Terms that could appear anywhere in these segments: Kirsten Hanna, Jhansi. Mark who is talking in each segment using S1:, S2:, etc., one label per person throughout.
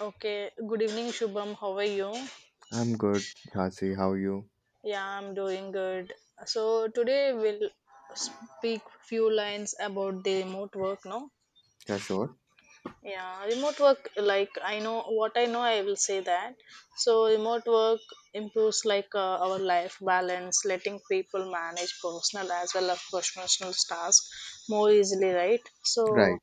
S1: Okay, good evening, Shubham. How are you?
S2: I'm good, Jhansi. How are you?
S1: Yeah, I'm doing good. So today we'll speak few lines about the remote work, no?
S2: Yeah, sure.
S1: Yeah, remote work, like I know what I know, I will say that. So remote work improves like our life balance, letting people manage personal as well as professional tasks more easily, right? So
S2: Right,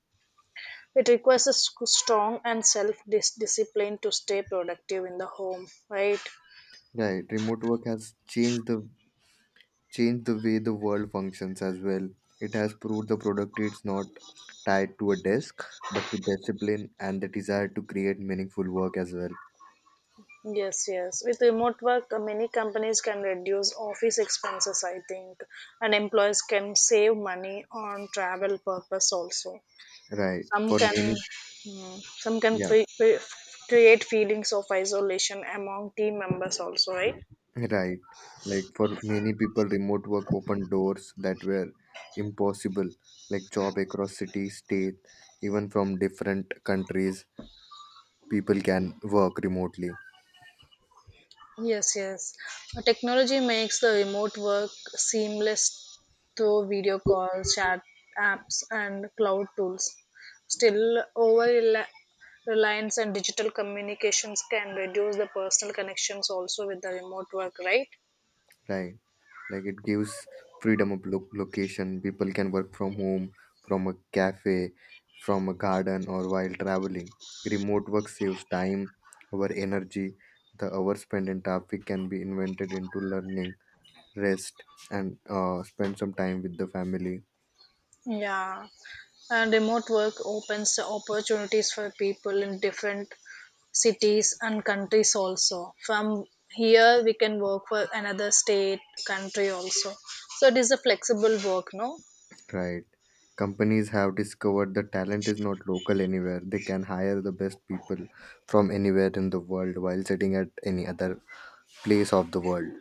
S1: it requires a strong and self-discipline to stay productive in the home, right?
S2: right. Remote work has changed the way the world functions as well. It has proved the productivity is not tied to a desk, but to discipline and the desire to create meaningful work as well.
S1: Yes, yes. With remote work, many companies can reduce office expenses, I think, and employees can save money on travel purpose also.
S2: Right.
S1: Some
S2: For
S1: can,
S2: many,
S1: some can
S2: yeah,
S1: fe- fe- create feelings of isolation among team members also, right?
S2: right. Like for many people, remote work opened doors that were impossible, like job across city, state, even from different countries, people can work remotely.
S1: Yes, yes. Technology makes the remote work seamless through video calls, chat apps, and cloud tools. Still, reliance and digital communications can reduce the personal connections also with the remote work, right?
S2: Right. Like it gives freedom of location. People can work from home, from a cafe, from a garden, or while traveling. Remote work saves time, our energy. The hours spent in traffic can be invented into learning, rest, and spend some time with the family.
S1: Yeah, and remote work opens opportunities for people in different cities and countries also. From here we can work for another state, country also. So it is a flexible work, no?
S2: Right. Companies have discovered that talent is not local. Anywhere, they can hire the best people from anywhere in the world while sitting at any other place of the world.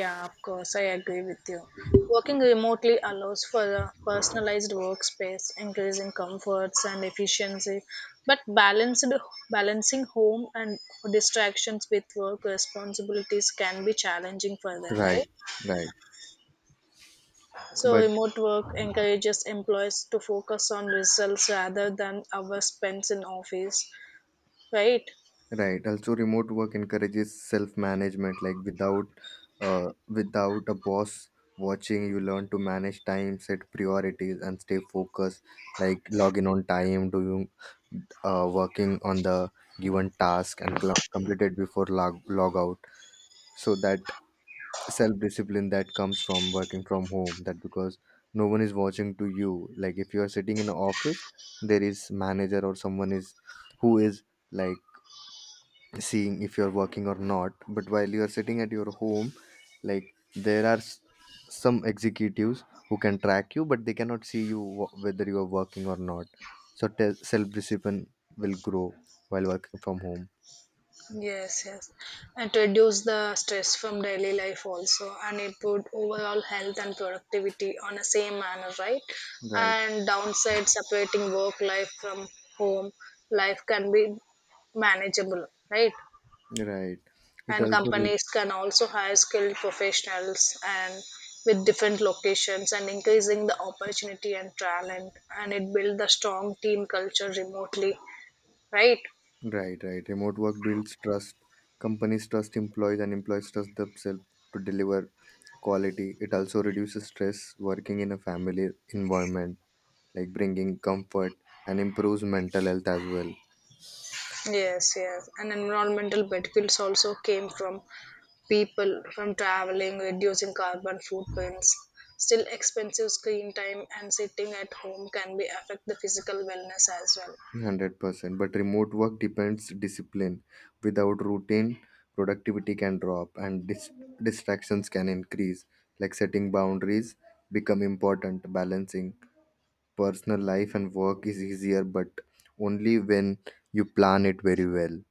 S1: Yeah, of course, I agree with you. Working remotely allows for a personalized workspace, increasing comforts and efficiency, but balanced balancing home and distractions with work responsibilities can be challenging for them, right?
S2: Right, right.
S1: So,
S2: But
S1: remote work encourages employees to focus on results rather than hours spent in office, right?
S2: right. Also, remote work encourages self-management. Like without, without a boss watching, you learn to manage time, set priorities, and stay focused. Like log in on time, working on the given task, and complete it before log out. So that self-discipline that comes from working from home. That because no one is watching to you. Like if you are sitting in an office, there is manager or someone is who is like seeing if you're working or not. But while you're sitting at your home, like, there are some executives who can track you, but they cannot see you whether you are working or not. So self-discipline will grow while working from home.
S1: Yes, yes. And to reduce the stress from daily life also and improve overall health and productivity on the same manner, right?
S2: Right,
S1: And downside separating work life from home life can be manageable, right?
S2: right. It
S1: And
S2: also
S1: companies can also hire skilled professionals and with different locations and increasing the opportunity and talent, and it build the strong team culture remotely, right?
S2: right, right. Remote work builds trust. Companies trust employees and employees trust themselves to deliver quality. It also reduces stress, working in a family environment, like bringing comfort and improves mental health as well.
S1: Yes, yes, and environmental benefits also came from people from traveling reducing carbon footprints. Still, expensive screen time and sitting at home can be affect the physical wellness as well.
S2: 100%. But remote work depends discipline. Without routine, productivity can drop and distractions can increase. Like setting boundaries become important. Balancing personal life and work is easier, but only when you plan it very well.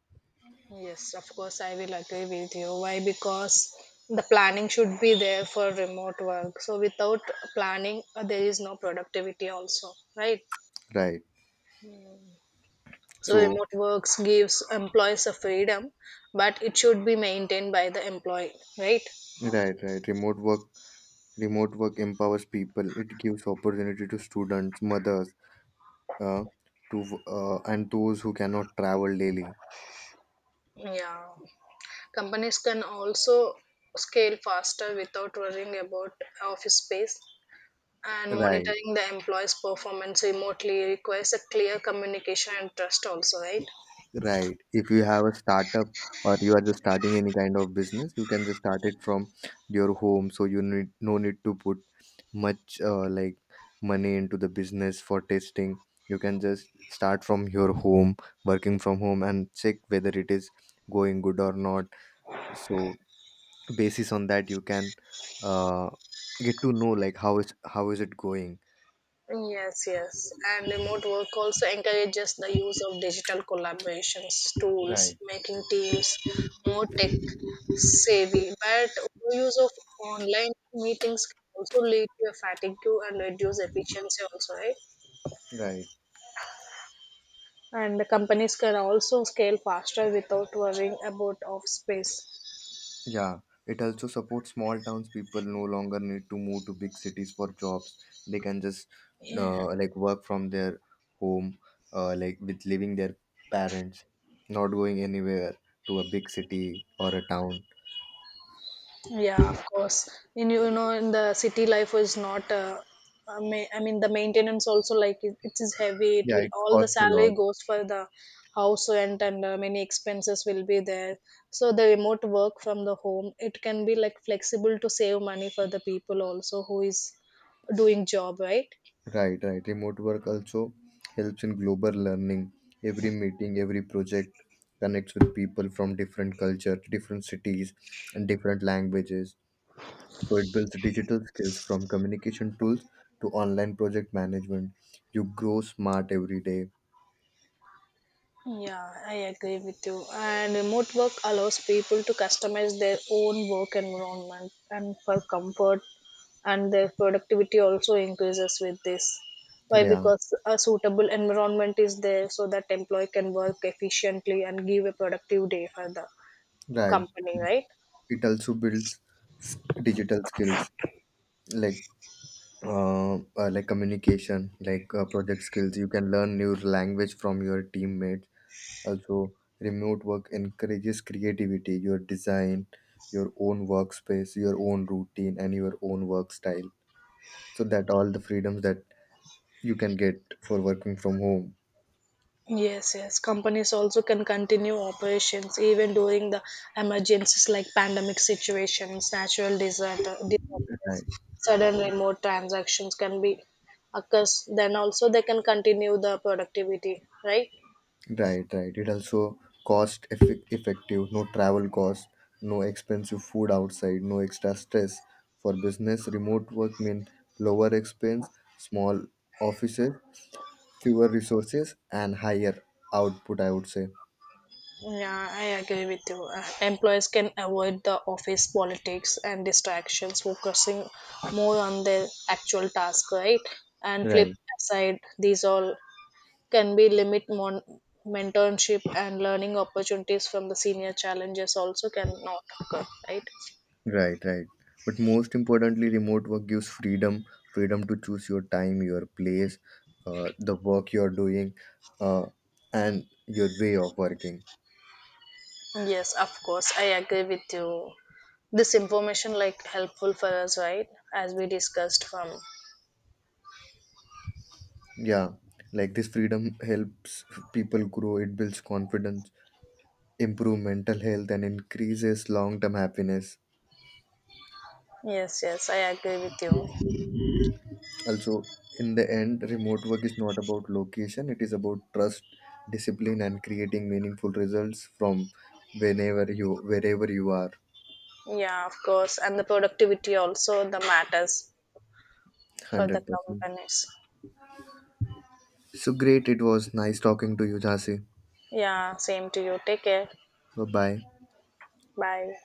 S1: Yes, of course, I will agree with you. Why? Because the planning should be there for remote work. So, without planning, there is no productivity, also, right?
S2: Right.
S1: So,
S2: So
S1: remote works gives employees a freedom, but it should be maintained by the employee, right?
S2: right, right. Remote work empowers people. It gives opportunity to students, mothers, uh, to and those who cannot travel daily.
S1: Yeah. Companies can also scale faster without worrying about office space. And
S2: Right,
S1: monitoring the employee's performance remotely requires a clear communication and trust, also, right?
S2: right. If you have a startup or you are just starting any kind of business, you can just start it from your home. So you need no need to put much, like, money into the business for testing. You can just start from your home, working from home, and check whether it is going good or not. So basis on that, you can, uh, get to know, like, how is it going.
S1: Yes, yes. And remote work also encourages the use of digital collaborations tools,
S2: Right,
S1: making teams more tech savvy. But use of online meetings can also lead to a fatigue and reduce efficiency also, right?
S2: right.
S1: And the companies can also scale faster without worrying about off space.
S2: Yeah, it also supports small towns. People no longer need to move to big cities for jobs. They can just,
S1: Yeah.
S2: like, work from their home, like with living their parents, not going anywhere to a big city or a town.
S1: Yeah, of course. In you know, in the city life is not. I mean, the maintenance also, like it is heavy. It
S2: Yeah,
S1: will
S2: it
S1: all the
S2: costs a
S1: salary
S2: lot.
S1: goes for the house rent and many expenses will be there. So the remote work from the home it can be like flexible to save money for the people also who is doing job, right.
S2: Right, right. Remote work also helps in global learning. Every meeting, every project connects with people from different cultures, different cities, and different languages. So it builds digital skills from communication tools to online project management. You grow smart every day.
S1: Yeah, I agree with you. And remote work allows people to customize their own work environment and for comfort, and their productivity also increases with this. Why?
S2: Yeah,
S1: Because a suitable environment is there so that employee can work efficiently and give a productive day for the
S2: right.
S1: company, right?
S2: It also builds digital skills like, like communication, like project skills. You can learn new language from your teammates. Also, remote work encourages creativity. Your design, your own workspace, your own routine, and your own work style. So that all the freedoms that you can get for working from home.
S1: Yes, yes. Companies also can continue operations even during the emergencies like pandemic situations, natural disaster, disasters,
S2: Right.
S1: sudden remote transactions can be occurs. Then also they can continue the productivity, right?
S2: Right, right. It also cost effective, no travel cost, no expensive food outside, no extra stress. For business, remote work mean lower expense, small offices, fewer resources, and higher output, I would say.
S1: Yeah, I agree with you. Employees can avoid the office politics and distractions, focusing more on their actual task, right? And flip
S2: Right,
S1: aside, these all can be limit mentorship and learning opportunities from the senior challenges also cannot occur, right?
S2: right, right. But most importantly, remote work gives freedom, freedom to choose your time, your place, the work you're doing, uh, and your way of working.
S1: Yes, of course, I agree with you. This information like helpful for us, right, as we discussed from.
S2: Yeah, like this freedom helps people grow, it builds confidence, improve mental health, and increases long term happiness.
S1: Yes, yes, I agree with you.
S2: Also, in the end, remote work is not about location, it is about trust, discipline, and creating meaningful results from whenever you wherever you are.
S1: Yeah, of course, and the productivity also the matters for the
S2: 100%.
S1: companies.
S2: So great, it was nice talking to you, Jhansi.
S1: Yeah, same to you, take care.
S2: Bye bye.
S1: Bye.